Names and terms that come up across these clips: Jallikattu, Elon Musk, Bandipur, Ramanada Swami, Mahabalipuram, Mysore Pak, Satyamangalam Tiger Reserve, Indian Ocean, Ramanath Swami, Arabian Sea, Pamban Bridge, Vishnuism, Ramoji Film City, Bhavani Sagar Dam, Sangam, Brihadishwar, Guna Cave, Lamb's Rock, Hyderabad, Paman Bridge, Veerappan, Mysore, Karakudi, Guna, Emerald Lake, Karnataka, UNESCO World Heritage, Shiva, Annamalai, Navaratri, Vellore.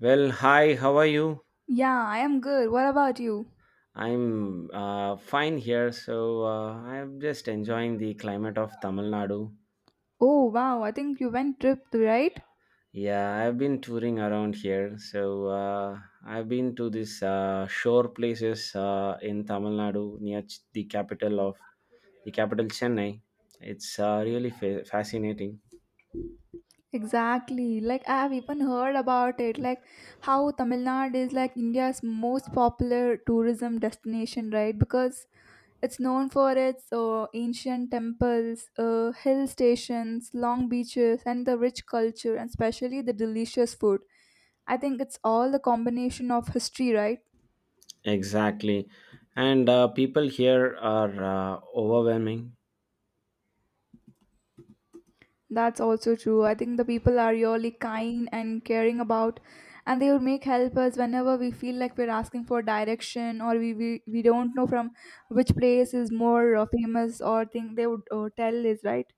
Well, hi, how are you? Yeah, I am good. What about you? I'm fine here. So, I'm just enjoying the climate of Tamil Nadu. Oh, wow. I think you went trip, right? Yeah, I've been touring around here. So, I've been to these shore places in Tamil Nadu near the capital, Chennai. It's really fascinating. Exactly. Like I have even heard about it. Like how Tamil Nadu is like India's most popular tourism destination, right? Because it's known for its ancient temples, hill stations, long beaches, and the rich culture, and especially the delicious food. I think it's all the combination of history, right? Exactly. And people here are overwhelming. That's also true. I think the people are really kind and caring about, and they would make help us whenever we feel like we're asking for direction, or we don't know from which place is more famous or thing they would tell us right.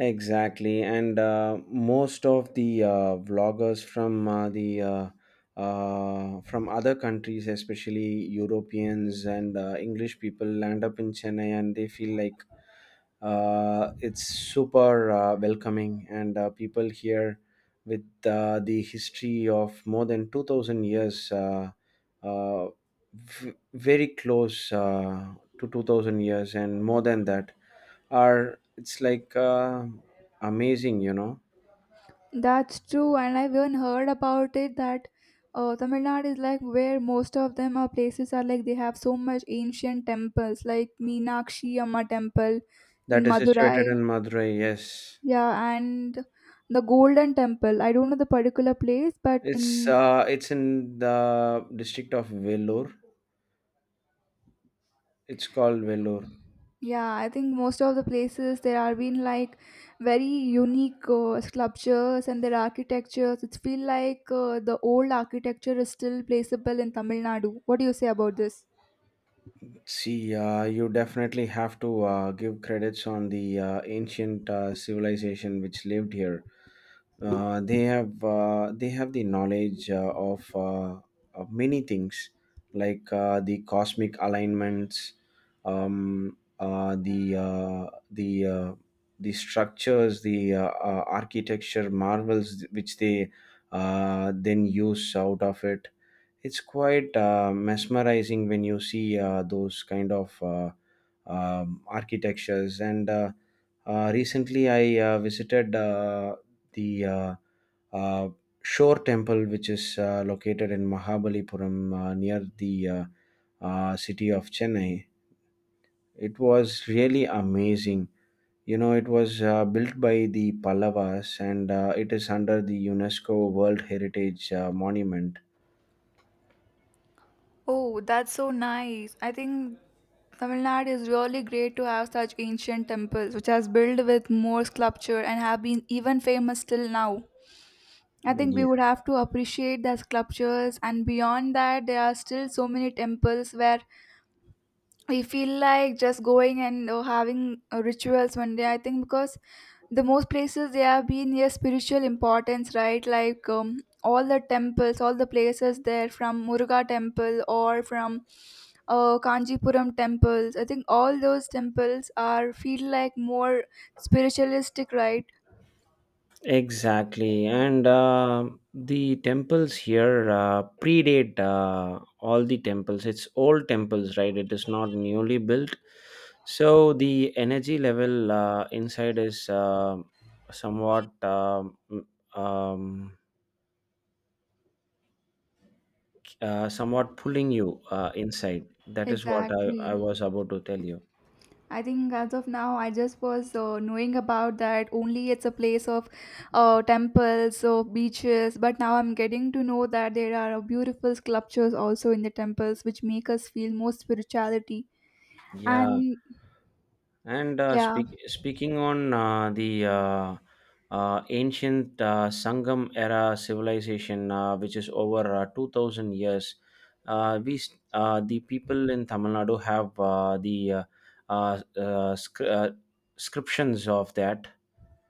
Exactly, and most of the vloggers from the from other countries, especially Europeans and English people, land up in Chennai, and they feel like it's super welcoming, and people here with the history of more than 2000 years, uh, very close to 2000 years, and more than that are it's like amazing, you know. That's true, and I've even heard about it that Tamil Nadu is like where most of them are places are like they have so much ancient temples like Meenakshi Amma temple That in is situated Madurai. in Madurai. Yes. Yeah, and the Golden Temple. I don't know the particular place, but it's in uh it's in the district of Vellore. It's called Vellore. yeah, I think most of the places there are been like very unique sculptures and their architectures. It feel like the old architecture is still placeable in Tamil Nadu. What do you say about this? See, you definitely have to give credits on the ancient civilization which lived here. They have the knowledge, of many things, like the cosmic alignments, um, uh, the uh, the uh, the structures, the architecture marvels which they then use out of it. It's quite mesmerizing when you see those kind of architectures. And recently, I visited the uh, Shore Temple, which is located in Mahabalipuram near the city of Chennai. It was really amazing. You know, it was built by the Pallavas, and it is under the UNESCO World Heritage Monument. Oh, that's so nice. I think Tamil Nadu is really great to have such ancient temples which has built with more sculpture and have been even famous till now. I think we Yeah. would have to appreciate the sculptures, and beyond that, there are still so many temples where we feel like just going and having rituals one day. I think because the most places they have been yes spiritual importance, right? Like all the temples, all the places there, from Muruga temple or from Kanjipuram temples, I think all those temples are feel like more spiritualistic, right? Exactly, and the temples here predate all the temples. It's old temples, right? It is not newly built, so the energy level inside is somewhat um, um, somewhat pulling you inside. That is what I Exactly. was about to tell you. I think as of now, I just was knowing about that only it's a place of temples or beaches, but now I'm getting to know that there are beautiful sculptures also in the temples which make us feel more spirituality. Yeah. And And yeah, speaking on the ancient Sangam era civilization, which is over 2000 years, the people in Tamil Nadu have uh, uh, scr- uh, scriptions of that.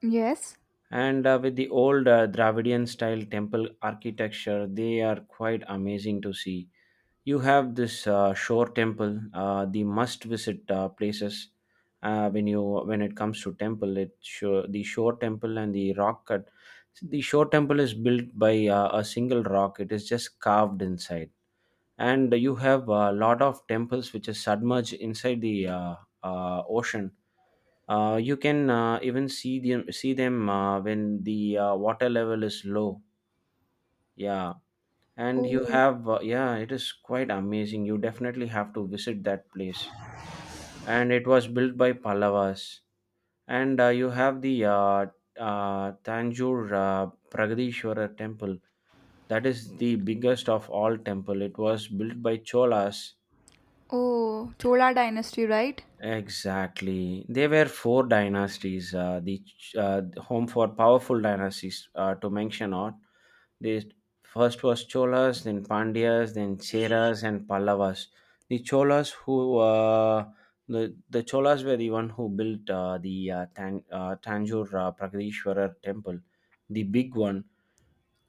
yes. And with the old Dravidian style temple architecture, they are quite amazing to see. You have this shore temple, the must-visit places. Uh, when you when it comes to temple, it sure the shore temple and the rock cut. The shore temple is built by a single rock. It is just carved inside, and you have a lot of temples which is submerged inside the ocean. You can even see them when the water level is low. Yeah, and you Oh, have yeah, it is quite amazing. You definitely have to visit that place, and it was built by Pallavas. And you have the Tanjore Pragadishwara temple. That is the biggest of all temple. It was built by Cholas. oh, Chola dynasty, right? Exactly. There were four dynasties. Home for powerful dynasties to mention on. They first was Cholas, then Pandyas, then Cheras and Pallavas. The Cholas who the Cholas were the one who built Tanjore Prakadishwarar temple, the big one.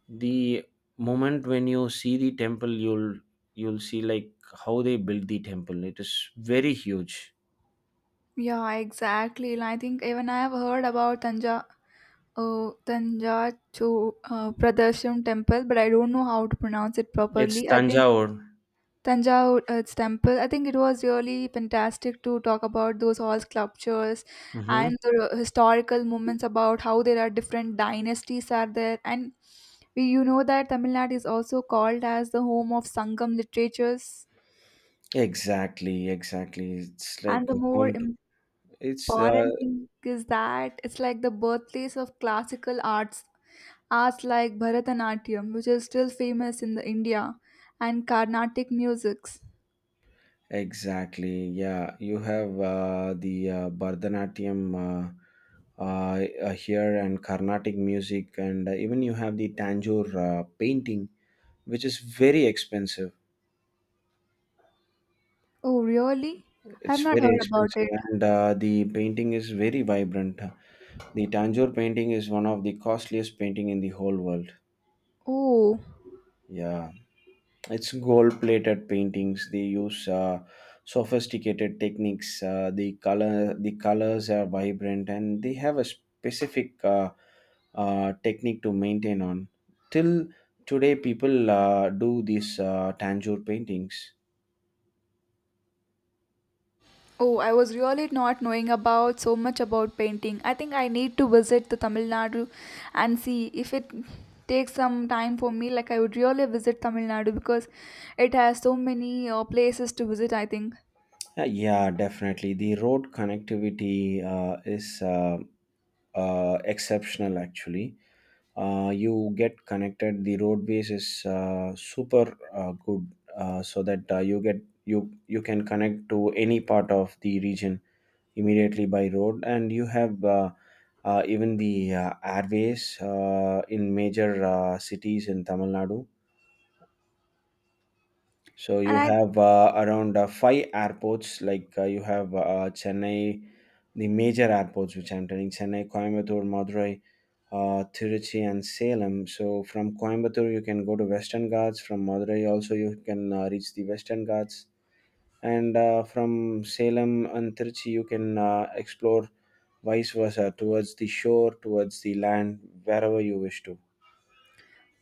The moment when you see the temple, you'll see like how they built the temple. It is very huge. Yeah, exactly. And I think even I have heard about Tanja, Tanja Cho, Pradarsham temple, but I don't know how to pronounce it It's properly. I think Tanjore. Tanjore Earth Temple. I think it was really fantastic to talk about those all sculptures Hmm. and the historical moments about how there are different dynasties are there. And we, you know that Tamil Nadu is also called as the home of Sangam literatures. Exactly, exactly. It's And like the a more home to. It's important thing is that it's like the birthplace of classical arts, arts like Bharatanatyam, which is still famous in the India, and Carnatic musics. Exactly. Yeah, you have the Bharatanatyam here, and Carnatic music, and even you have the Tanjore painting, which is very expensive. Oh, really? I have It's not very heard about expensive, it. and the painting is very vibrant. The Tanjore painting is one of the costliest painting in the whole world. Oh, Yeah. It's gold plated paintings. They use sophisticated techniques. The colors are vibrant, and they have a specific technique to maintain on. Till today, people do these tangier paintings. oh, I was really not knowing about so much about painting. I think I need to visit the Tamil Nadu and see if it takes some time for me. Like, I would really visit Tamil Nadu because it has so many places to visit, I think. Yeah, definitely the road connectivity is uh, exceptional, actually. You get connected. The road base is super good, so that you get you you can connect to any part of the region immediately by road. And you have even the airways in major cities in Tamil Nadu. So And you I, have around five airports, like you have Chennai, the major airports which I'm telling: Chennai, Coimbatore, Madurai, Tiruchi, and Salem. So from Coimbatore, you can go to Western Ghats. From Madurai, also you can reach the Western Ghats. And from Salem and Tiruchi, you can explore vice versa towards the shore, towards the land, wherever you wish to.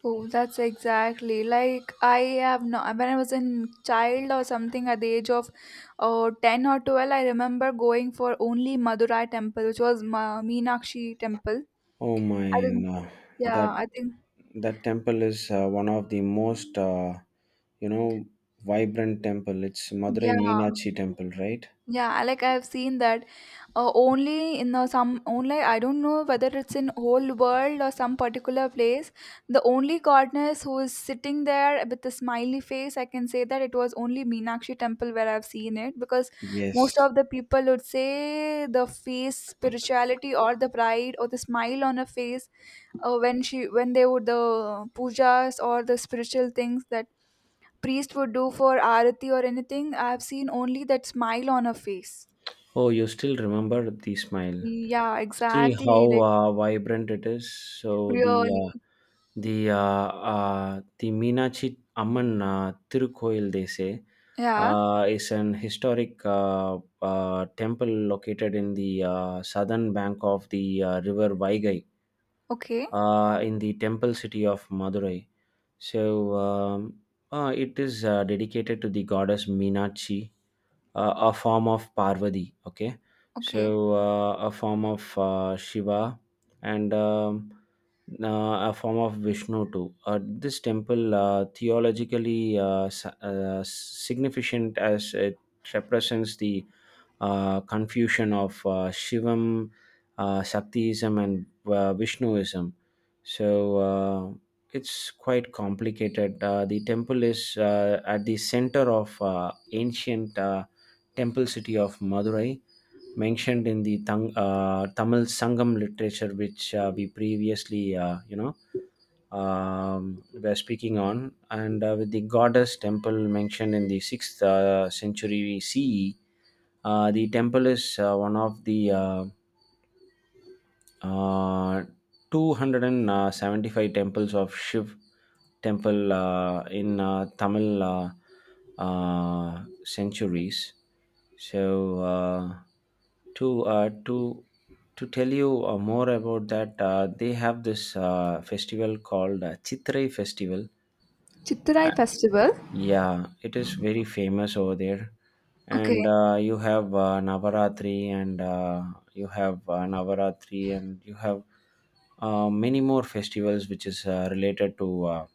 oh, that's exactly like I have no, when I was in child or something at the age of 10 or 12, I remember going for only Madurai temple, which was Meenakshi temple. Oh I my, think, no. that yeah, I think. that temple is one of the most you know vibrant temple. It's Madurai Yeah, Meenakshi temple, right? yeah, like I've seen that only in some only I don't know whether it's in whole world or some particular place. The only goddess who is sitting there with a smiley face, I can say that it was only Meenakshi temple where I've seen it, because most Yes. of the people would say the face spirituality or the pride or the smile on her face when she when they would the pujas or the spiritual things that priest would do for arati or anything. I've seen only that smile on her face. Oh, you still remember the smile. Yeah, See how exactly. Like, vibrant it is. So the really. uh, the uh, uh, the Meenachi Amman Tirukoil, they say, Yeah. Is an historic temple located in the southern bank of the river Vaigai, Okay. In the temple city of Madurai. So it is dedicated to the goddess Meenachi, a form of Parvati. Okay, Okay. so a form of Shiva, and a form of Vishnu too. This temple theologically significant as it represents the confusion of Shivam, Shaktiism, and Vishnuism. So it's quite complicated. The temple is at the center of ancient temple city of Madurai, mentioned in the Tamil Sangam literature, which we previously, were speaking on, and with the goddess temple mentioned in the sixth century CE. The temple is one of the uh, 275 temples of Shiv temple in Tamil centuries. So to uh, to to tell you more about that, they have this festival called Chitrai festival. Chitrai festival. Yeah, it is very famous over there. Okay. And you have Navaratri, and you have many more festivals which is related to uh,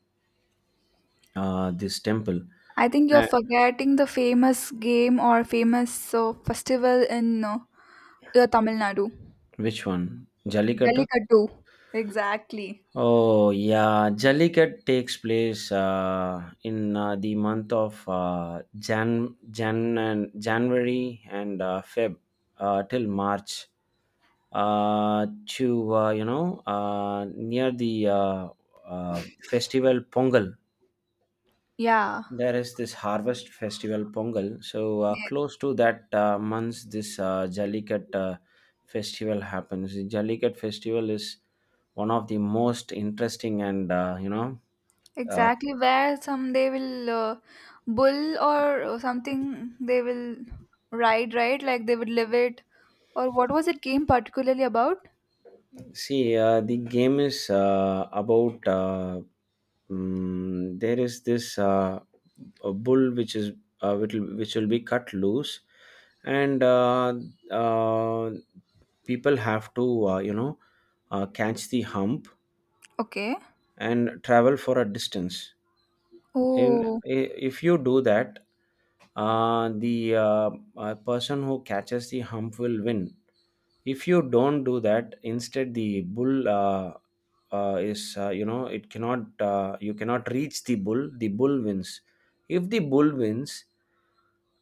uh, this temple. I think you're Uh, forgetting the famous game or famous festival in Tamil Nadu. which one? Jallikattu? Jallikattu. Exactly. Oh, yeah. Jallikat takes place in the month of January and Feb, till March. To you know Near the festival Pongal. Yeah. There is this harvest festival Pongal. So Yes. close to that month, this Jallikat festival happens. The Jallikat festival is one of the most interesting, and uh, Exactly. Where some they will bull or something they will ride, right? Like they would live it. Or what was it game particularly about? see, the game is about there is this a bull which is which will be cut loose, and uh, people have to, catch the hump Okay. and travel for a distance. Oh, If you do that, the person who catches the hump will win. If you don't do that, instead the bull is, it cannot, you cannot reach the bull. The bull wins. If the bull wins,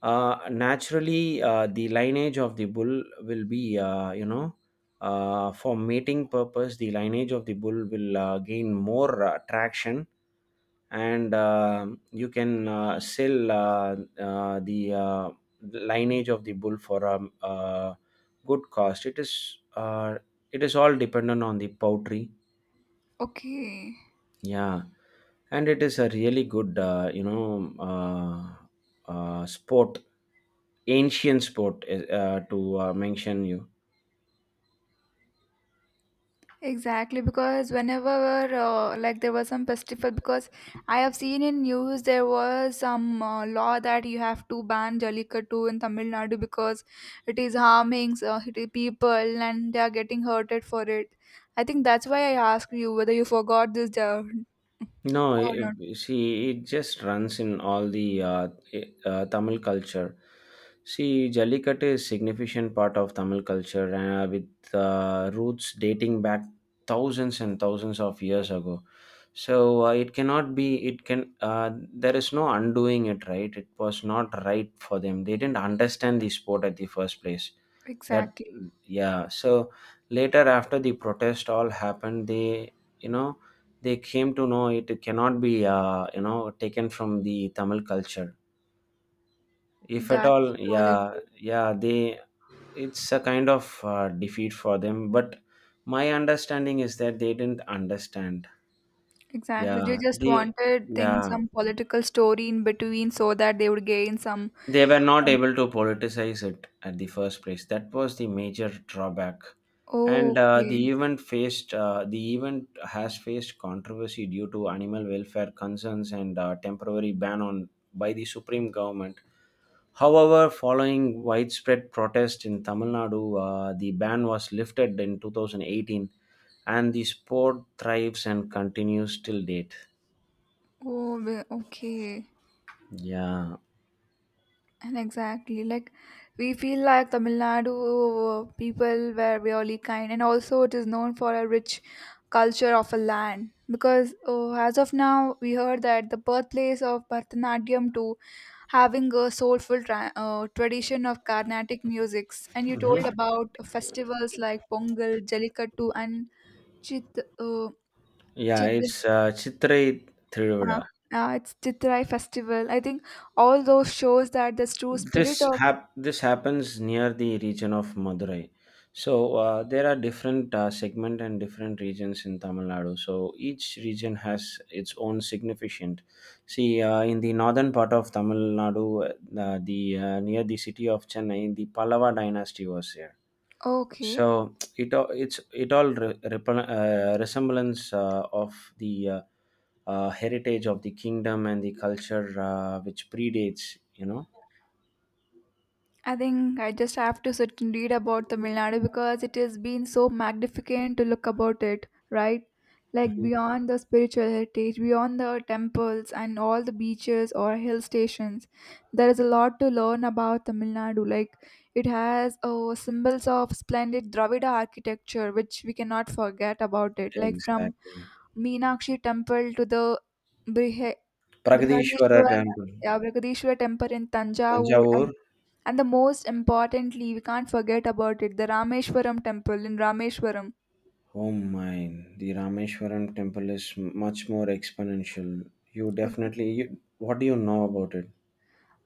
naturally the lineage of the bull will be, for mating purpose, the lineage of the bull will gain more traction. And you can sell the lineage of the bull for a good cost. It is all dependent on the poultry. okay. Yeah, and it is a really good, sport, ancient sport, to mention you. Exactly, because whenever like there was some festival, because I have seen in news there was some law that you have to ban Jallikattu in Tamil Nadu because it is harming it is people and they are getting hurted for it. I think that's why I asked you whether you forgot this No, or not. See, it just runs in all the Tamil culture. See, Jallikattu is significant part of Tamil culture with roots dating back thousands and thousands of years ago. So it cannot be, it can, there is no undoing it, right? It was not right for them. They didn't understand the sport at the first place. That, Exactly, yeah. So later, after the protest all happened, you know, they came to know it cannot be taken from the Tamil culture, if at all. that's really Yeah, true. yeah. They, it's a kind of defeat for them, but my understanding is that they didn't understand. Exactly, they Yeah, just they, wanted things yeah. some political story in between so that they would gain some. They were not Um, able to politicize it at the first place. That was the major drawback. And oh, okay. The event has faced controversy due to animal welfare concerns and temporary ban on by the supreme government. However, following widespread protest in Tamil Nadu, the ban was lifted in 2018, and the sport thrives and continues till date. Oh, well, okay. Yeah. And exactly, like we feel like Tamil Nadu people were really kind, and also it is known for a rich culture of a land. Because oh, as of now, we heard that the birthplace of Bharatanatyam to having a soulful tradition of Carnatic musics, and you Mhm. told about festivals like Pongal, Jallikattu, and Chit. Yeah, Chit it's Chitrai uh, Thiruvada. It's Chitrai festival. I think all those shows that this true this spirit of hap- this happens near the region of Madurai. There are different segment and different regions in Tamil Nadu. So each region has its own significant. In the northern part of Tamil Nadu, the near the city of Chennai, the Pallava dynasty was here. okay, So it all it's it all re- repel- resemblance of the heritage of the kingdom and the culture which predates, I think I just have to sit and read about Tamil Nadu because it has been so magnificent to look about it, right? Like beyond the spiritual heritage, beyond the temples and all the beaches or hill stations, there is a lot to learn about Tamil Nadu. Like it has oh, symbols of splendid Dravida architecture, which we cannot forget about it. Like from Exactly. Meenakshi temple to the Brihe- Pragadishwara Brihadishwar, temple, yeah, Brihadishwar temple in Tanjavur, Thanjavur. and the most importantly, we can't forget about it, the Rameshwaram temple in Rameshwaram. Oh mine, the Rameshwaram temple is much more exponential. You definitely, what do you know about it?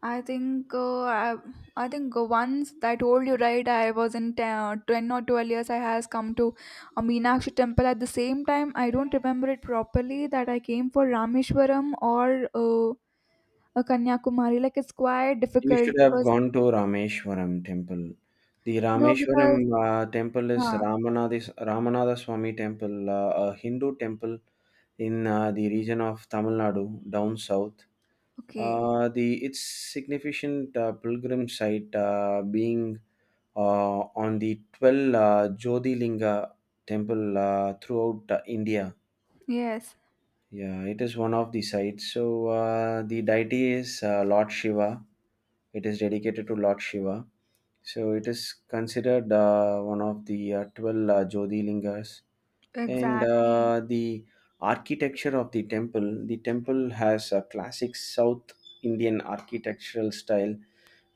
I think I think once I told you right, I was in 10, 10 or 12 years. I has come to a Meenakshi temple at the same time. I don't remember it properly that I came for Rameshwaram or a Kanyakumari. Like it's quite You difficult should have because gone to Rameshwaram temple. The no, Rameshwaram because temple is uh, Ramanada, Ramanada Swami temple, a Hindu temple in the region of Tamil Nadu down south. okay, The its significant pilgrim site being uh, on the 12 Jyotirlinga temple throughout India. yes, Yeah, it is one of the sites. The deity is Lord Shiva. It is dedicated to Lord Shiva. So it is considered one of the 12 Jyotirlingas, and exactly. The architecture of the temple has a classic south indian architectural style,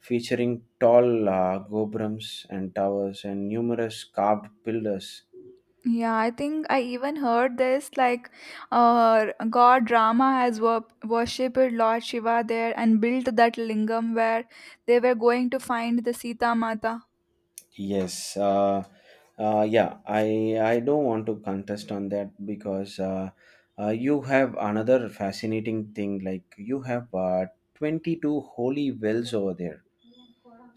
featuring tall gobrams and towers and numerous carved pillars. Yeah, I think I even heard this like god Rama has worshipped Lord Shiva there and built that lingam where they were going to find the Sita Mata. yes uh, yeah, I don't want to contest on that, because you have another fascinating thing. Like you have 22 holy wells over there.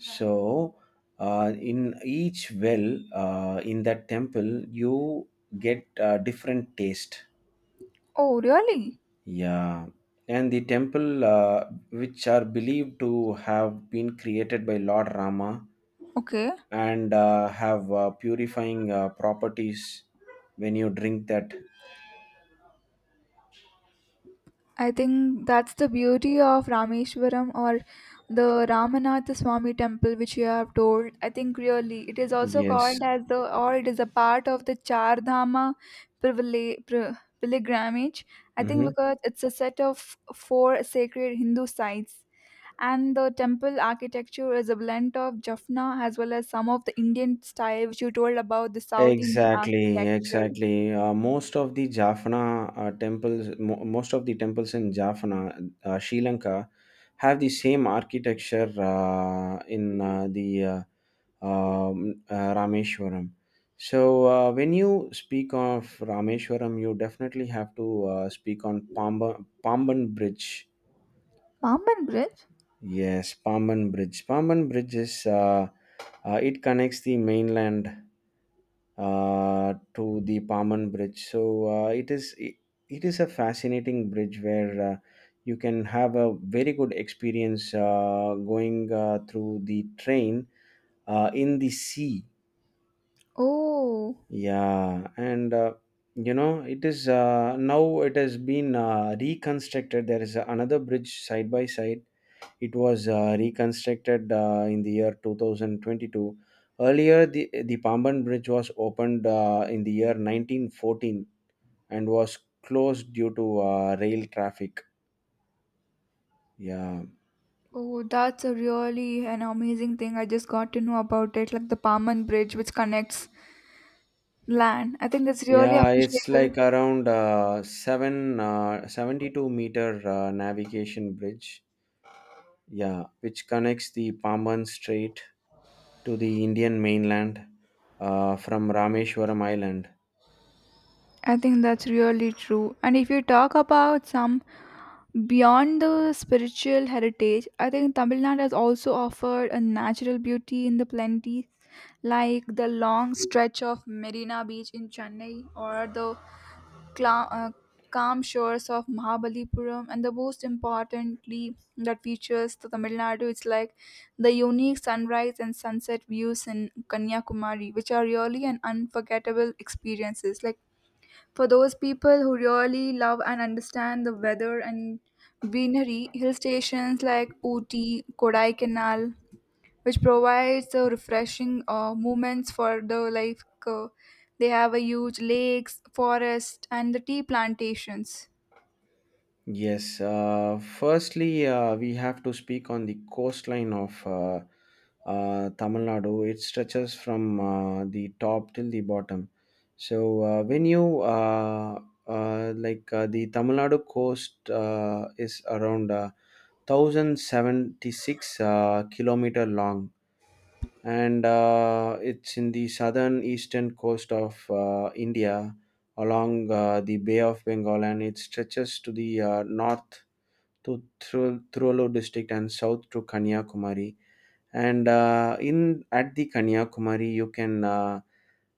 So, in each well in that temple, you get different taste. Oh, really? Yeah, and the temple which are believed to have been created by Lord Rama Okay. and have purifying properties when you drink that. I think that's the beauty of Rameshwaram or the Ramanath Swami temple, which you have told. I think really it is also Yes. called as the, or it is a part of the Char Dhama privile- pri- pilgrimage. I think Mhm. because it's a set of four sacred Hindu sites. And the temple architecture is a blend of Jaffna as well as some of the Indian style, which you told about the South Indian Exactly, architecture. exactly. Most of the Jaffna temples, most of the temples in Jaffna, Sri Lanka, have the same architecture in the Rameshwaram. So, when you speak of Rameshwaram, you definitely have to speak on Pamban Bridge. Bamban Bridge? Yes, Paman Bridge. Paman Bridge is it connects the mainland to the Paman Bridge. It is a fascinating bridge where you can have a very good experience going through the train in the sea. Oh. Yeah, and you know it is now it has been reconstructed. There is another bridge side by side. It was reconstructed in the year 2022. Earlier, the Pamban Bridge was opened in the year 1914, and was closed due to rail traffic. Yeah. Oh, that's a really an amazing thing. I just got to know about it, like the Paman Bridge, which connects land. I think it's really Yeah, it's appreciable. like around uh, seven, uh, 72 meter navigation bridge, yeah, which connects the Pamban Strait to the Indian mainland from Rameshwaram Island. I think that's really true. And if you talk about some beyond the spiritual heritage, I think Tamil Nadu has also offered a natural beauty in the plenty, like the long stretch of Marina Beach in Chennai or the cla- uh, calm shores of Mahabalipuram, and the most importantly, that features to Tamil Nadu. It's like the unique sunrise and sunset views in Kanyakumari, which are really an unforgettable experiences. Like for those people who really love and understand the weather and greenery, hill stations like Ooty, Kodaikanal, which provides refreshing moments for the life. They have a huge lakes, forest, and the tea plantations. Yes, firstly, we have to speak on the coastline of Tamil Nadu. It stretches from the top till the bottom. So when you like the Tamil Nadu coast is around 1076 kilometer long, and it's in the southern eastern coast of India along the Bay of Bengal, and it stretches to the north to Thiruvallur district and south to Kanyakumari. And in at the Kanyakumari,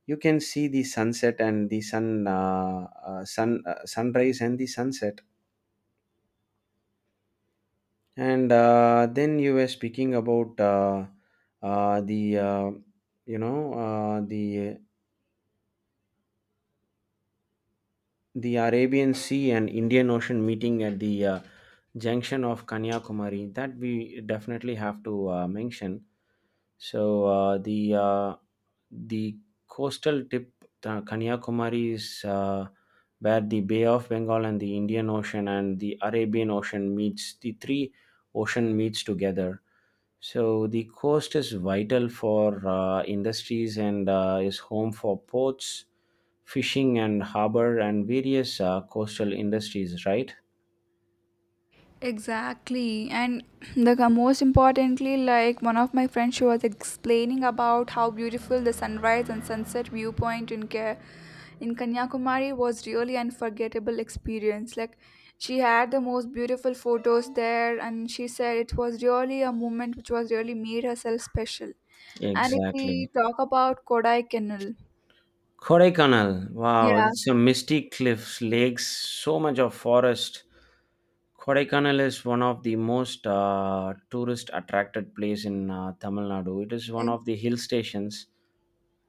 you can see the sunset and the sunrise and the sunset. And then you were speaking about the you know the Arabian Sea and Indian Ocean meeting at the junction of Kanyakumari. That we definitely have to mention. So uh, the uh, the coastal tip, Kanyakumari, is where the Bay of Bengal and the Indian Ocean and the Arabian Ocean meets. The three ocean meets together. So the coast is vital for industries and is home for ports, fishing and harbor and various coastal industries, right? Exactly, and the most importantly, like one of my friends, she was explaining about how beautiful the sunrise and sunset viewpoint in in Kanyakumari was really unforgettable experience. Like she had the most beautiful photos there, and she said it was really a moment which was really made herself special. And if Exactly. we talk about Kodaikanal, Kodaikanal. Wow, yeah, it's a misty cliffs, lakes, so much of forest. Kodaikanal is one of the most tourist attracted place in Tamil Nadu. It is one ex- of the hill stations.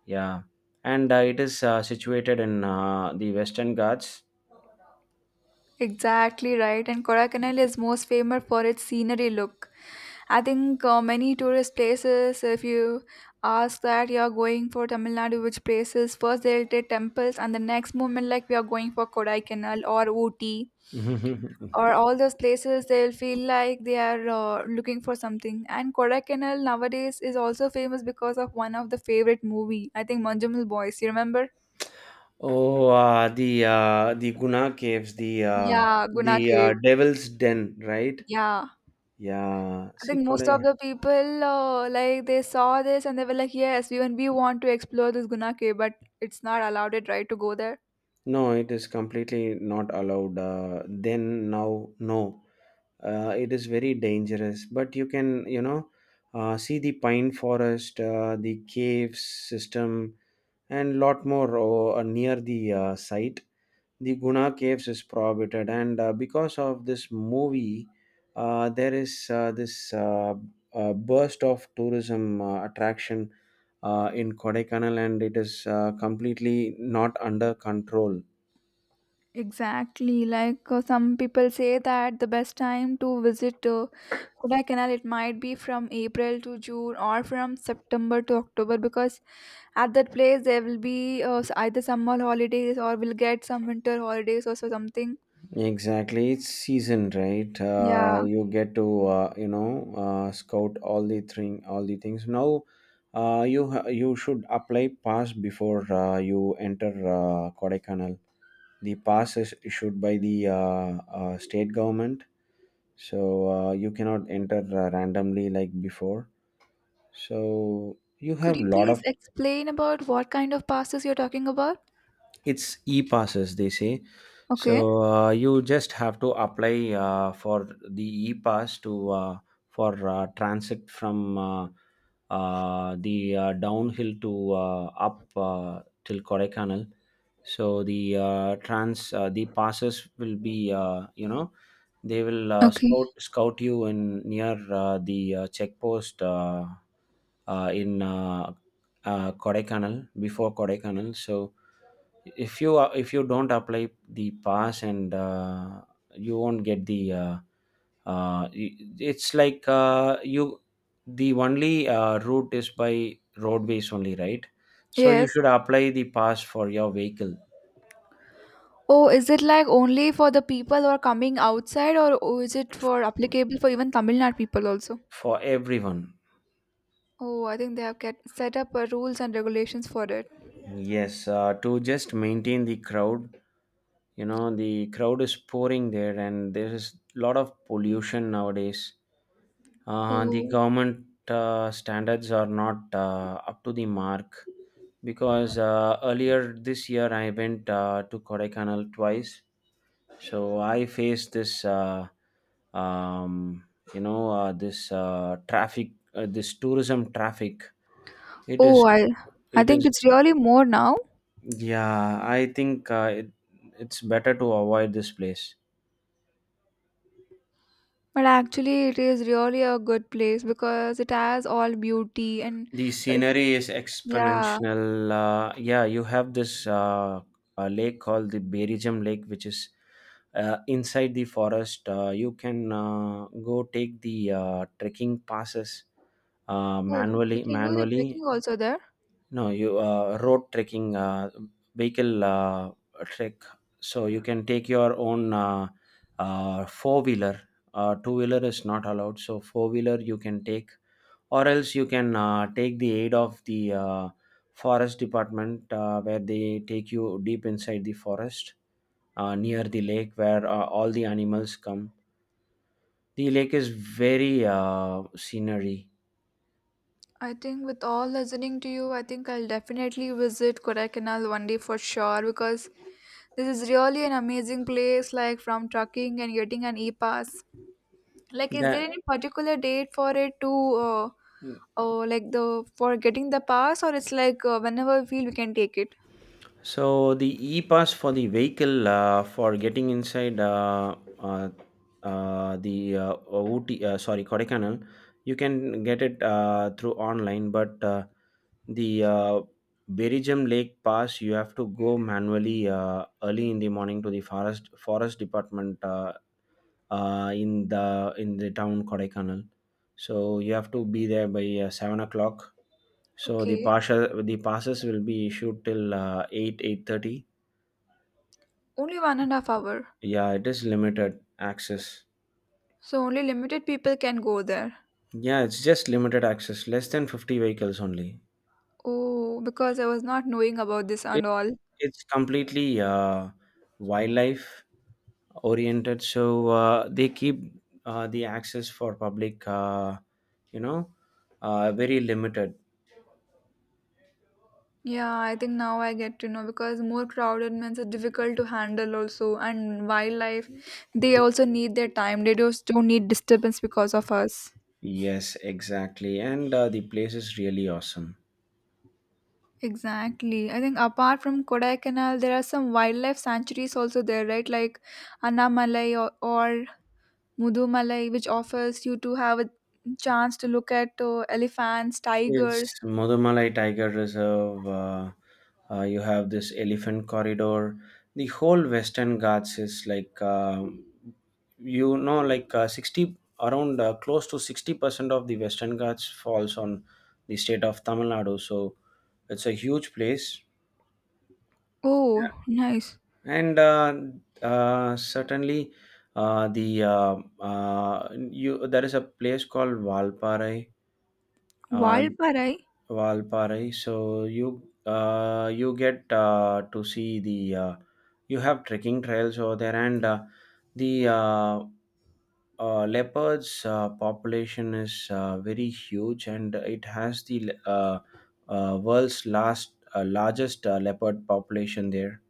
Yeah, and it is situated in the Western Ghats. exactly right. And Kodaikanal is most famous for its scenery look. I think many tourist places, if you ask that you are going for Tamil Nadu, which places, first they'll take temples, and the next moment, like we are going for Kodaikanal or Ooty. Or all those places, they'll feel like they are looking for something. And Kodaikanal nowadays is also famous because of one of the favorite movie. I think Manjumal Boys. You remember? Oh, the Guna caves, Yeah, Guna the Cave. Devil's Den, right? Yeah. Yeah. I See, think most of Kodai. the people like they saw this and they were like, "Yes, even we want to explore this Guna Cave, but it's not allowed it right to go there." No, it is completely not allowed. Then now, no. It is very dangerous. But you can, you know, see the pine forest, the cave system, and lot more near the site. The Guna caves is prohibited, and because of this movie, there is this burst of tourism attraction in Kodaikanal, and it is completely not under control. Exactly. Like some people say that the best time to visit Kodai Canal it might be from April to June or from September to October because at that place there will be either summer holidays or we'll get some winter holidays or so something. Exactly, it's season, right? Yeah. You get to you know scout all the thing, all the things. Now, you should apply pass before you enter Kodaikanal. The pass is issued by the state government, so you cannot enter randomly like before. So you Could have you lot please of. explain about what kind of pastas you're talking about? It's e-passes, they say. Okay. So you just have to apply for the e-pass to for transit from the downhill to up till Kodaikanal. So the passes will be you know, they will uh, Okay. scout scout you in near the check post, in Kodaikanal, before Kodaikanal. So if you don't apply the pass, and you won't get the it's like you the only route is by roadways only, right? So you Yes. should apply the pass for your vehicle. Oh, is it like only for the people who are coming outside, or oh, is it for applicable for even Tamil Nadu people also? For everyone. Oh, I think they have get, set up rules and regulations for it. Yes, to just maintain the crowd. You know, the crowd is pouring there, and there is a lot of pollution nowadays. The Oh, government standards are not up to the mark, because earlier this year I went to Kodaikanal twice. So I faced this um, you know, this traffic, this tourism traffic. it oh, is I it is think it's really more now, Yeah, I think it's better to avoid this place. but actually, it is really a good place because it has all beauty and The uh, scenery is yeah. exponential. Yeah, you have this lake called the Berejam Lake, which is inside the forest. You can go take the trekking passes Oh, we manually. can do the Manually, trekking also there. no, you road trekking, vehicle trek. So you can take your own four wheeler. Two wheeler is not allowed. So four wheeler you can take, or else you can take the aid of the forest department where they take you deep inside the forest near the lake where all the animals come. The lake is very scenery. I think with all listening to you, I think I'll definitely visit Kodaikanal one day for sure because this is really an amazing place. Like from trucking and getting an e-pass. Like, is there That. any particular date for it to, uh, like the for getting the pass, or it's like whenever we feel we can take it? So the e-pass for the vehicle, for getting inside the Ooty, sorry, Kodaikanal, you can get it through online. But the Berejam Lake Pass, you have to go manually early in the morning to the forest department, in the town Kodaikanal. So you have to be there by 7 o'clock. So the Okay, partial the passes will be issued till eight eight thirty. only 1.5 hours. Yeah, it is limited access. So only limited people can go there. Yeah, it's just limited access, less than 50 vehicles only. Oh, because I was not knowing about this It, and all. it's completely wildlife oriented, so they keep the access for public, you know, very limited. Yeah, I think now I get to know because more crowded means are difficult to handle also and wildlife they also need their time. They just don't need disturbance because of us. Yes, exactly. And the place is really awesome. Exactly. I think apart from Kodaikanal there are some wildlife sanctuaries also there, right? Like Annamalai or Mudumalai which offers you to have a chance to look at elephants, It's tigers. Mudumalai Tiger Reserve. You have this elephant corridor. The whole Western Ghats is like, you know, like 60, around close to 60% of the Western Ghats falls on the state of Tamil Nadu. So it's a huge place. Yeah. Oh, nice. And certainly, the you there is a place called Valparai. Uh, Valparai? Valparai. So you get to see the you have trekking trails over there, and the leopards population is very huge, and it has the world's last largest leopard population there.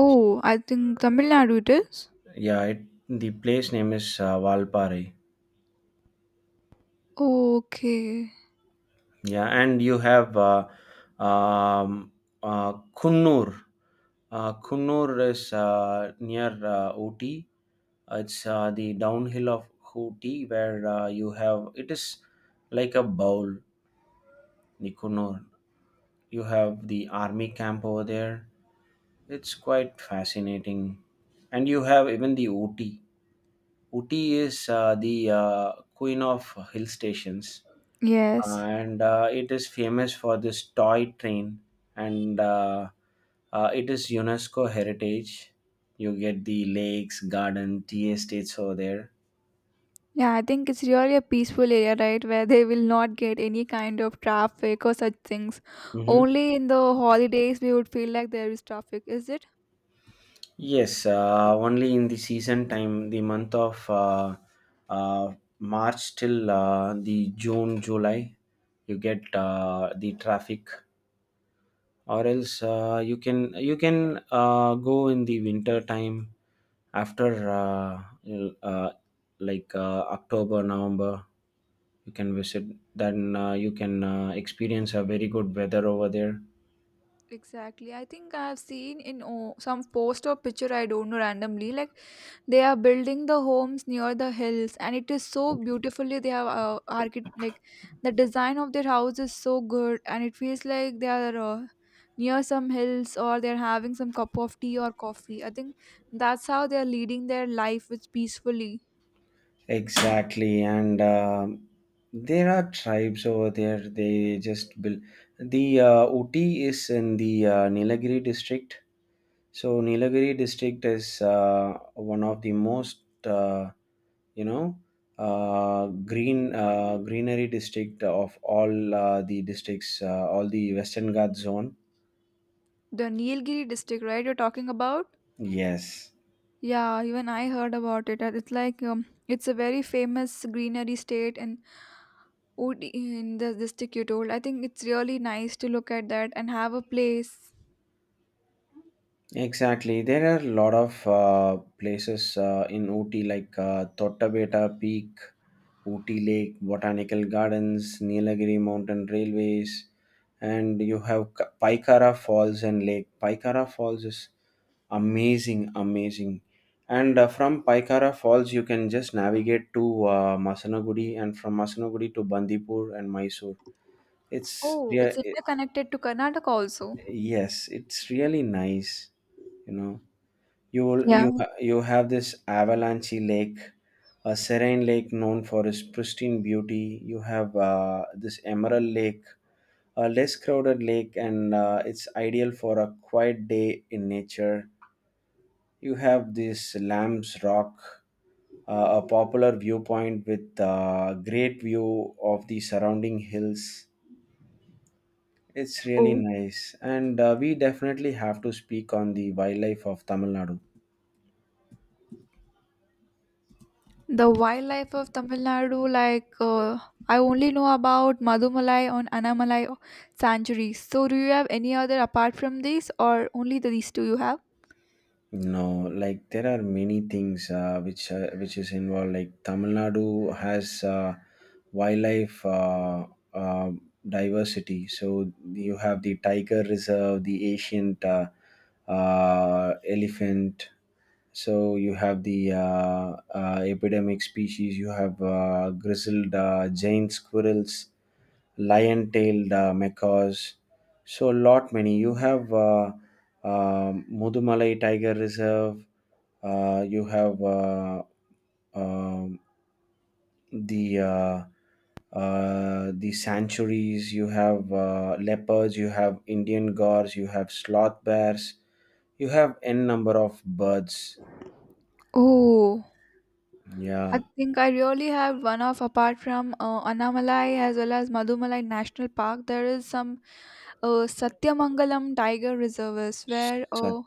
Oh, I think Tamil Nadu it is. Yeah, it, the place name is Valparai. Okay. Yeah, and you have um, Kunnur. Kunnur is near Ooty. It's the downhill of Ooty where you have it is like a bowl. The Kunnur, you have the army camp over there. It's quite fascinating, and you have even the Ooty. Ooty is the queen of hill stations. Yes. And It is famous for this toy train and it is UNESCO heritage. You get the lakes, garden, tea estates over there. Yeah, I think it's really a peaceful area, right, where they will not get any kind of traffic or such things. Mm-hmm. Only in the holidays we would feel like there is traffic. Is it? Yes, only in the season time, the month of March till the June, July, you get the traffic. Or else you can go in the winter time after uh, October, November. You can visit, then you can experience a very good weather over there. Exactly. I think I have seen in oh, some post or picture, I don't know, randomly, like they are building the homes near the hills, and it is so beautifully. They have like the design of their house is so good, and it feels like they are near some hills or they're having some cup of tea or coffee. I think that's how they're leading their life with peacefully. Exactly. And there are tribes over there. They just build the Uti is in the Nilagiri district. So Nilagiri district is one of the most uh, you know uh, green greenery district of all the districts, all the Western Ghats zone. The Nilgiri district, right? You're talking about? Yes. Yeah, even I heard about it. And it's like it's a very famous greenery state and would in the district you told, I think it's really nice to look at that and have a place. Exactly. There are a lot of places in Ooty like Thottabeta Peak, Ooty Lake, Botanical Gardens, Nilagiri Mountain Railways, and you have Paikara Falls and Lake. Paikara Falls is amazing, amazing. And from Paikara Falls, you can just navigate to Masanagudi, and from Masanagudi to Bandipur and Mysore. It's Oh, yeah, it's interconnected to Karnataka also. yes, it's really nice, you know. Yeah. You have this Avalanche Lake, a serene lake known for its pristine beauty. You have this Emerald Lake, a less crowded lake, and it's ideal for a quiet day in nature. You have this Lamb's Rock, a popular viewpoint with great view of the surrounding hills. It's really Oh, nice, and we definitely have to speak on the wildlife of Tamil Nadu. the wildlife of Tamil Nadu, like I only know about Madumalai and Anamalai sanctuaries, so do you have any other apart from these or only these two you have? No, like there are many things which is involved. Like Tamil Nadu has wildlife uh, diversity. So you have the tiger reserve, the ancient elephant. So you have the epidemic species. You have grizzled giant squirrels, lion-tailed macaws. So a lot many. You have Mudumalai Tiger Reserve. You have um the uh, the sanctuaries. You have leopards. You have Indian gores. You have sloth bears. You have n number of birds. Oh, I Yeah. think I really have one of apart from Anamalai as well as Madumalai National Park, there is some uh, Satyamangalam Tiger Reserve is where, oh, Sat-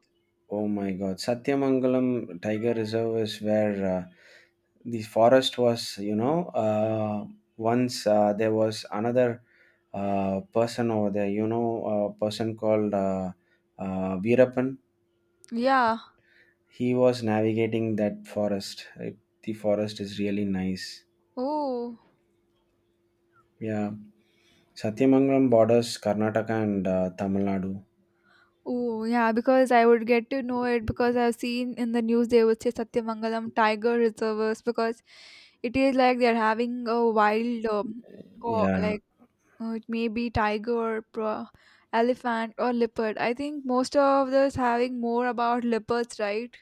oh my God. Satyamangalam Tiger Reserve is where. The forest was, once there was another person over there, a person called Veerappan. yeah, He was navigating that forest. It, the forest is really nice. oh, Yeah. Satyamangalam borders Karnataka and Tamil Nadu. oh, yeah, because I would get to know it because I've seen in the news they would say Satyamangalam Tiger Reserves because it is like they're having a wild, go, Yeah. like, it may be tiger, pro, elephant, or leopard. I think most of this having more about leopards, right?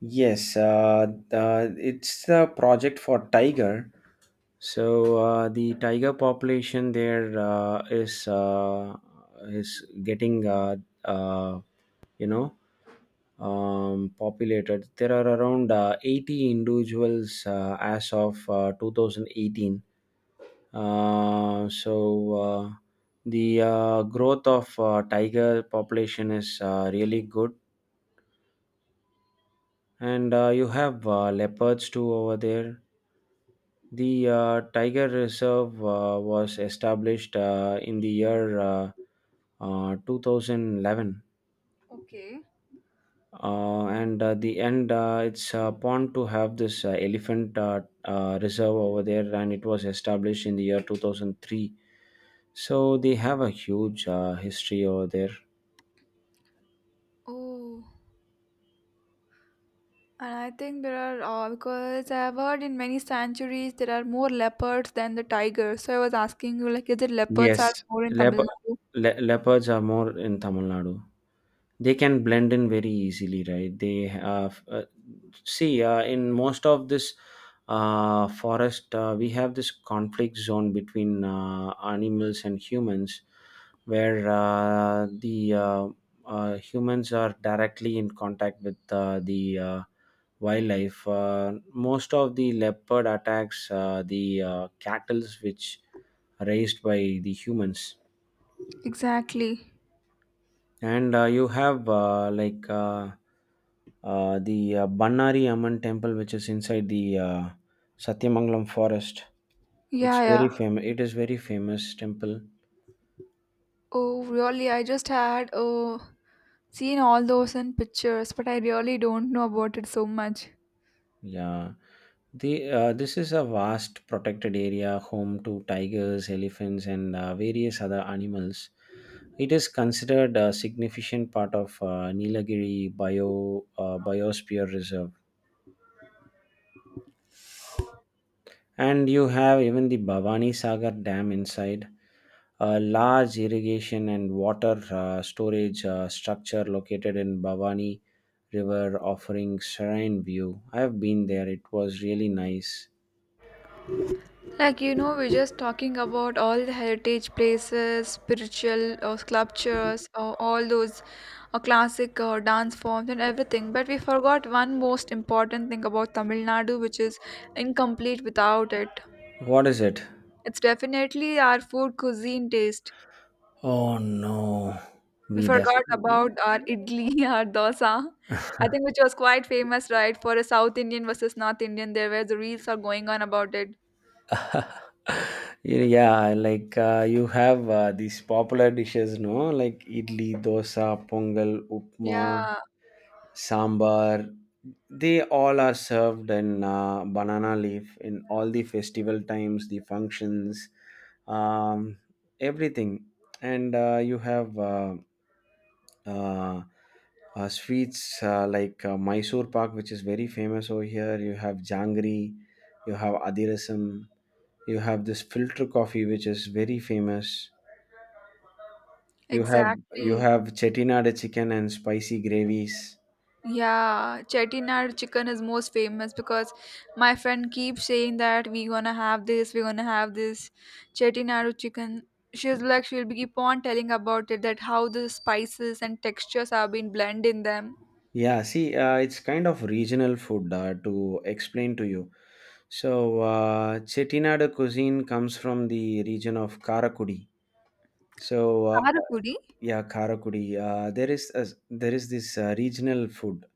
Yes, it's a project for tiger. So the tiger population there is getting uh, you know populated. There are around 80 individuals as of 2018. Uh, so uh, the growth of tiger population is really good, and you have leopards too over there. The tiger reserve was established in the year 2011, Okay. uh, and the end it's pond to have this elephant reserve over there, and it was established in the year 2003. So they have a huge history over there. Oh. And I think there are, because I've heard in many sanctuaries there are more leopards than the tigers. So I was asking you, like, is it leopards are Yes, more in lep Tamil Nadu? Leopards are more in Tamil Nadu. They can blend in very easily, right? They have see in most of this forest we have this conflict zone between animals and humans, where the humans are directly in contact with the wildlife. Most of the leopard attacks the cattle which are raised by the humans. Exactly. And you have like the Bannari Amman temple which is inside the Satyamangalam forest. It's Yeah, very yeah. famous. It is very famous temple. Oh, really? I just had seen all those in pictures, but I really don't know about it so much. Yeah, the this is a vast protected area home to tigers, elephants, and various other animals. It is considered a significant part of Nilagiri biosphere reserve. And you have even the Bhavani Sagar Dam inside, a large irrigation and water storage structure located in Bhavani River, offering serene view. I have been there; it was really nice. Like you know, we're just talking about all the heritage places, spiritual sculptures, all those classic dance forms and everything. But we forgot one most important thing about Tamil Nadu, which is incomplete without it. What is it? It's definitely our food cuisine taste. Oh no, We we forgot definitely. about our idli, our dosa. I think which was quite famous, right? For a South Indian versus North Indian, there where the reels are going on about it. Yeah, like you have these popular dishes, no? Like idli, dosa, pongal, upma, Yeah, sambar. They all are served in banana leaf in all the festival times, the functions, um, everything. And you have uh, sweets like Mysore Pak, which is very famous over here. You have jangri, you have adirasam, you have this filter coffee, which is very famous. You exactly. have chettinad chicken and spicy gravies. Yeah, Chettinad chicken is most famous because my friend keeps saying that we gonna have this Chettinad chicken. She'll be keep on telling about it that how the spices and textures have been blend in them. Yeah, see, it's kind of regional food to explain to you. So, Chettinad cuisine comes from the region of Karakudi. So uh, Karakudi? yeah, Karakudi. There is this regional food.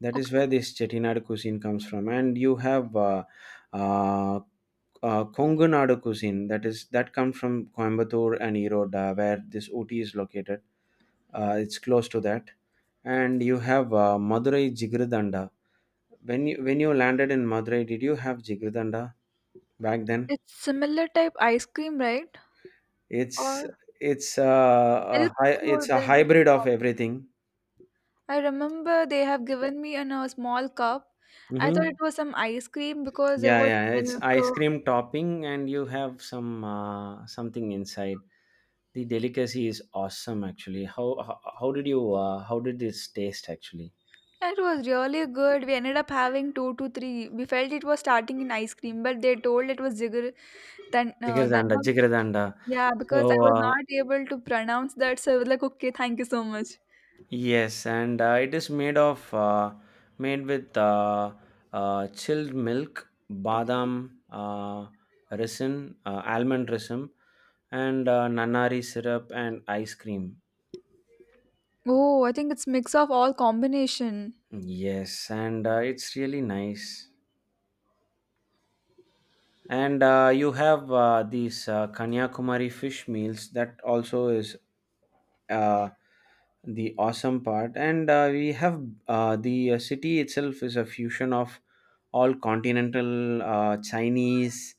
That is Okay. where this Chettinad cuisine comes from, and you have uh, Konganadu cuisine. That comes from Coimbatore and Erode, where this OT is located. It's close to that, and you have Madurai Jigridanda. When you landed in Madurai, did you have Jigridanda back then? It's similar type ice cream, right? It's Or it's milk it's or a they'll do some hybrid of kind. everything. I remember they have given me in a small cup. I thought Mhm. it was some ice cream because there Yeah, was yeah, yeah. It's ice milk. cream topping, and you have some something inside. The delicacy is awesome, actually. How did you how did this taste actually? It was really good. We ended up having two to three. We felt it was starting in ice cream, but they told it was jigger than Jigardanda, jigardanda. yeah, because I So was uh, not able to pronounce that. So I was like, okay, thank you so much. yes, and it is made with chilled milk, Okay. badam resin, almond resin, and nanari syrup and ice cream. Oh, I think it's mix of all combination. Yes, and it's really nice. And you have these Kanyakumari fish meals, that also is uh, the awesome part. And we have the city itself is a fusion of all continental Chinese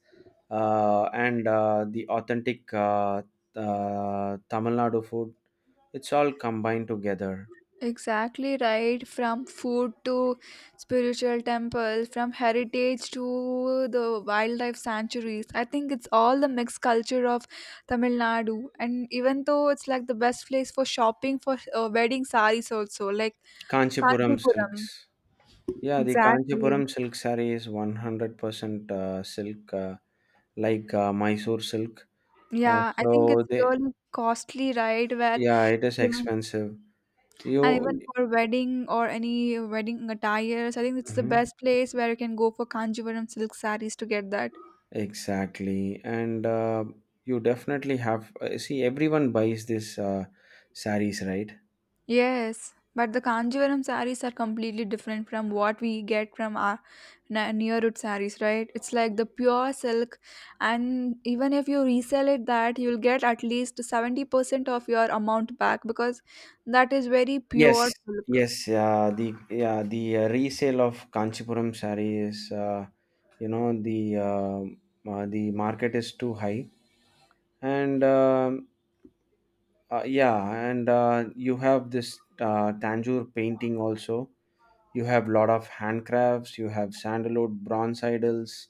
and the authentic Tamil Nadu food. It's all combined together. Exactly right. From food to spiritual temples, from heritage to the wildlife sanctuaries. I think it's all the mixed culture of Tamil Nadu. And even though it's like the best place for shopping for wedding saris also, like Kanchipuram Kanjipuram. silks. Yeah, the Exactly. Kanchipuram silk saree is 100% silk. Like Mysore silk. Uh, Yeah, I think so it's they, really costly, right? Where yeah, it is even expensive. and You even for wedding or any wedding attires, I think it's the Mhm. best place where you can go for Kanjipuram silk saris to get that. Exactly, and you definitely have. See, everyone buys this saris, right? Yes, but the Kanjivaram sarees are completely different from what we get from our na- Neerut sarees, right? It's like the pure silk, and even if you resell it, that you'll get at least 70% of your amount back because that is very Yes, pure silk. yes. The yeah the resale of Kanchipuram sari is, you know, the uh, the market is too high, and yeah, and you have this Tanjore painting also. You have lot of handcrafts, you have sandalwood bronze idols,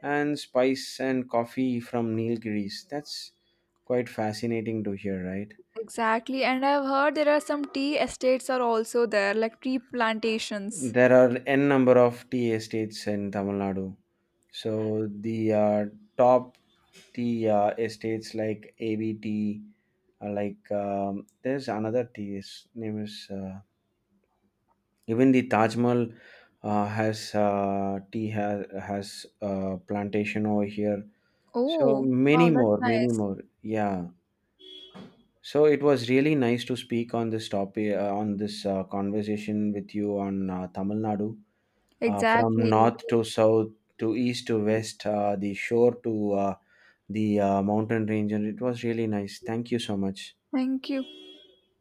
and spice and coffee from Nilgiris. That's quite fascinating to hear, right? Exactly, and I've heard there are some tea estates are also there, like tea plantations. There are n number of tea estates in Tamil Nadu. So the top tea estates like ABT, there's another tea. His name is even the Taj Mahal has tea has plantation over here. So Oh, wow, many that's more, many nice. more. Yeah. So it was really nice to speak on this topic, on this conversation with you on Tamil Nadu, from Exactly. north to south to east to west, the shore to the mountain range, and it was really nice. Thank you so much. Thank you.